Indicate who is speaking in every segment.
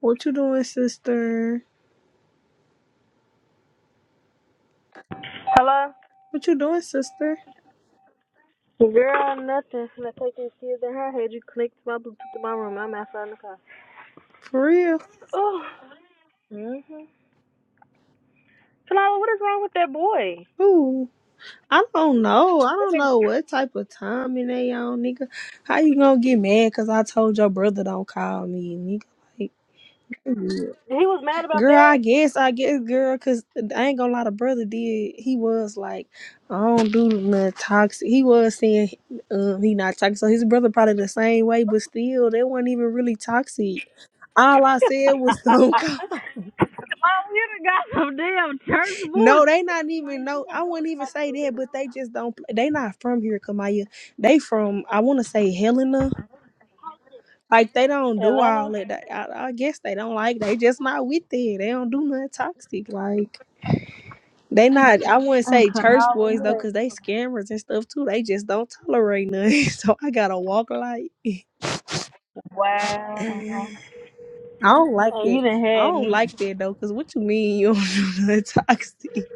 Speaker 1: What you doing, sister?
Speaker 2: Hello?
Speaker 1: What you doing, sister?
Speaker 2: Girl, nothing. I take this kids in her. head? you clicked my Bluetooth to my room. I'm outside in the car.
Speaker 1: For real?
Speaker 2: Mm-hmm. Talala, what is wrong with that boy?
Speaker 1: Who? I don't know. I don't know what type of time in they on, nigga. How you gonna get mad because I told your brother don't call me, nigga? Like, Yeah.
Speaker 2: He was mad about
Speaker 1: girl,
Speaker 2: that.
Speaker 1: I guess, I guess, girl, because I ain't gonna lie, the brother did. He was like, I don't do nothing toxic. He was saying um, he not toxic. So his brother probably the same way, but still, they weren't even really toxic. All I said was don't call.
Speaker 2: got some damn church boy.
Speaker 1: No, they not even no. I wouldn't even say that, but they just don't. pl- They not from here, Kamaya. They from I want to say Helena. Like they don't do all
Speaker 2: Atlanta?
Speaker 1: that. They- I, I guess they don't like. They just not with it. They don't do nothing toxic. Like they not. I wouldn't
Speaker 2: I'm
Speaker 1: say
Speaker 2: coming
Speaker 1: church
Speaker 2: over
Speaker 1: boys though,
Speaker 2: here.
Speaker 1: cause they scammers and stuff too. They just don't tolerate nothing. So I gotta walk like.
Speaker 2: Wow.
Speaker 1: I don't like
Speaker 2: And you
Speaker 1: that.
Speaker 2: done
Speaker 1: I
Speaker 2: had
Speaker 1: don't
Speaker 2: me.
Speaker 1: like that though, cause what you mean you don't do nothing toxic?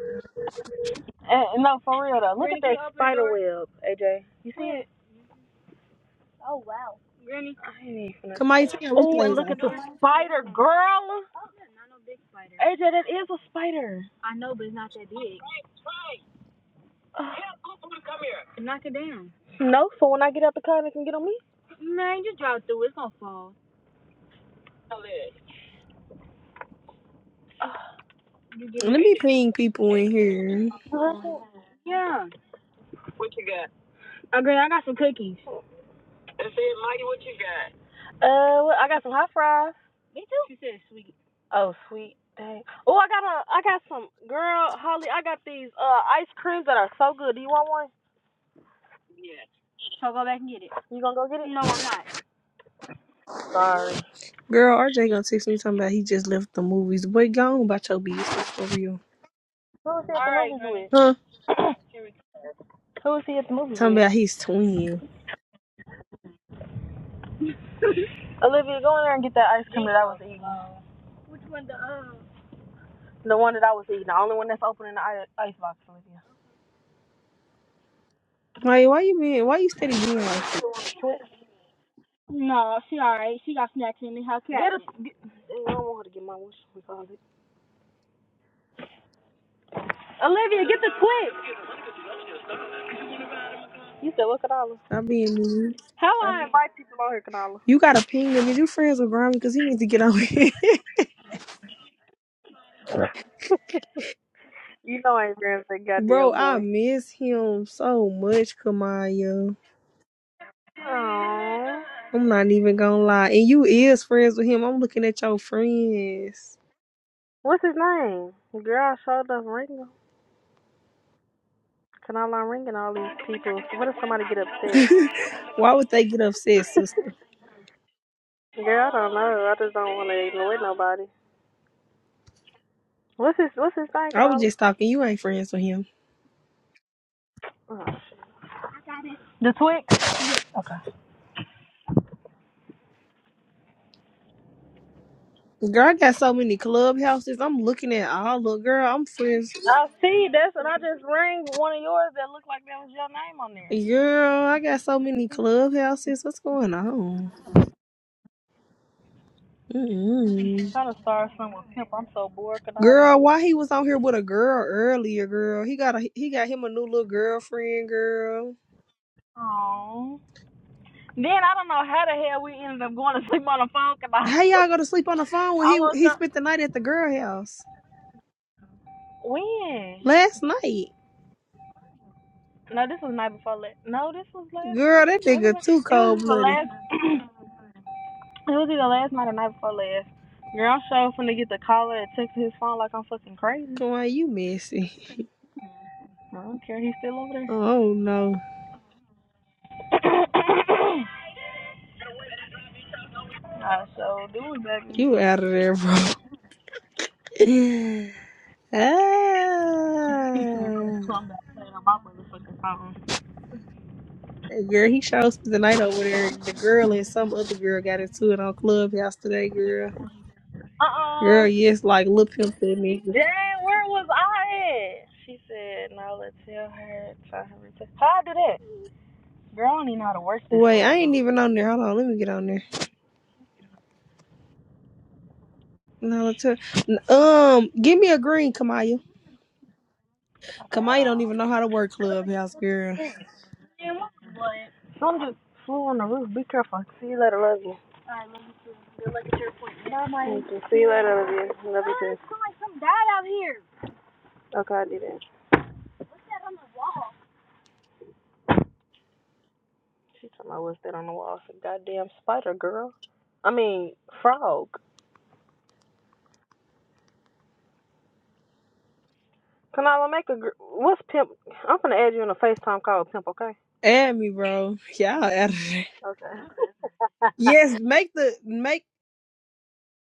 Speaker 2: And, no, for real though. Look Granny, at that spider web, AJ. You see it? Granny. I ain't even finna. Can
Speaker 1: Kamaya, turn your
Speaker 2: Oh, and
Speaker 1: replays
Speaker 2: look
Speaker 1: off.
Speaker 2: at the spider, girl. AJ, that is a spider. I know, but it's not that big. Knock it down. No, so when I get out the car, they can get on me. Man, just drive through. It's gonna fall. You give me
Speaker 1: Let me
Speaker 2: eight.
Speaker 1: ping people in here.
Speaker 2: Yeah. Yeah. Oh, girl, I got some cookies. That's it, Maggie. What you got? Uh, well, I got some hot fries. Me too. She said sweet. Oh, sweet. Dang. Oh, I got a, I got some girl Holly. I got these uh ice creams that are so good. Do you want one? Yeah. So go back and get it. You gonna go get it? No, I'm not. Sorry.
Speaker 1: Girl, RJ gonna text me talking about he just left the movies. Boy, gone about your business for real.
Speaker 2: Who was he at All the right, movies
Speaker 1: Huh?
Speaker 2: with? Who was he at the movies with?
Speaker 1: Talking about his twin.
Speaker 2: Olivia, go in there and get that ice cream that I was eating. Which one? The um. The one that I was eating. The only one that's open in the ice box, Olivia.
Speaker 1: Like, why you being, why you steady being like this?
Speaker 2: No, she alright. She got snacks in the house. Get I I don't want her to get my wish. We call it. Olivia, get the quick. You said what, Kanala?
Speaker 1: Stop being mean.
Speaker 2: How I I? invite people on here, Kanala.
Speaker 1: You gotta ping him. Is you friends with Grimy? Cause he needs to get on here.
Speaker 2: you know I ain't gonna say
Speaker 1: Bro,
Speaker 2: goddamn
Speaker 1: I
Speaker 2: boy.
Speaker 1: miss him so much, Kamaya.
Speaker 2: Aww.
Speaker 1: I'm not even gonna lie. And you is friends with him. I'm looking at your friends.
Speaker 2: What's his name? Girl, I showed up ringing. Kanala, I'm ringing all these people. What if somebody get upset?
Speaker 1: why would they get upset, sister?
Speaker 2: Girl, I don't know. I just don't want to ignore nobody. What's his What's his thing,
Speaker 1: I was
Speaker 2: Kadala?
Speaker 1: just talking. You ain't friends with him.
Speaker 2: Oh, The Twix? Yeah. Okay.
Speaker 1: Girl, I got so many clubhouses. I'm looking at all of girl. I'm friends.
Speaker 2: I see. That's and I just rang one of yours that looked like that was your name on there.
Speaker 1: Girl, I got so many clubhouses. What's going on?
Speaker 2: I'm
Speaker 1: mm
Speaker 2: trying to start some with pimp. I'm so bored, Kadala.
Speaker 1: Girl, why he was on here with a girl earlier? Girl, he got a he got him a new little girlfriend. Girl,
Speaker 2: Aww. Then I don't know how the hell we ended up going to sleep on the phone, Kadala.
Speaker 1: how y'all go to sleep on the phone when
Speaker 2: I
Speaker 1: he
Speaker 2: woke
Speaker 1: he
Speaker 2: up.
Speaker 1: spent the night at the girl house
Speaker 2: When?
Speaker 1: last night?
Speaker 2: No, this was the night before last. No, this was last
Speaker 1: Girl,
Speaker 2: night.
Speaker 1: that
Speaker 2: Was it?
Speaker 1: nigga
Speaker 2: Last?
Speaker 1: too
Speaker 2: It was
Speaker 1: cold
Speaker 2: the
Speaker 1: blooded.
Speaker 2: last. It was either last night or night before last. Girl, I'm sure finna get the caller and text his phone like I'm fucking crazy.
Speaker 1: Come on, you messy.
Speaker 2: I don't care, he's still over there.
Speaker 1: Oh no,
Speaker 2: I so do baby.
Speaker 1: you out of there, bro.
Speaker 2: He should know
Speaker 1: ah.
Speaker 2: something about playing on my motherfucking phone.
Speaker 1: Hey, girl, he sure spent the night over there. The girl and some other girl got into it on Clubhouse today, girl.
Speaker 2: Uh-uh.
Speaker 1: Girl, yes, like Lil Pimp said me.
Speaker 2: Dang, where was I at? She said, no, let's tell her, try her to... How I do that? Girl, I don't even know how to work this for
Speaker 1: Wait, I
Speaker 2: real.
Speaker 1: ain't even on there. Hold on, let me get on there. No, let's hear- um, give me a green, Kamaya.
Speaker 2: Okay, hold
Speaker 1: Kamaya don't
Speaker 2: on.
Speaker 1: even know how to work
Speaker 2: Come
Speaker 1: Clubhouse, girl.
Speaker 2: on in. Some just flew on the roof. Be careful. See you later. Love you. All right, No, my. See you later, Olivia. Love you too. It's like some dad out here. Okay, I did it. She talking about what's that on the wall? It's a goddamn spider, girl. I mean, frog. Kanala, make a. Gr- what's pimp? I'm gonna add you in a FaceTime call with pimp, okay?
Speaker 1: Add me, bro. Y'all out of there.
Speaker 2: Okay.
Speaker 1: Yes, make the make.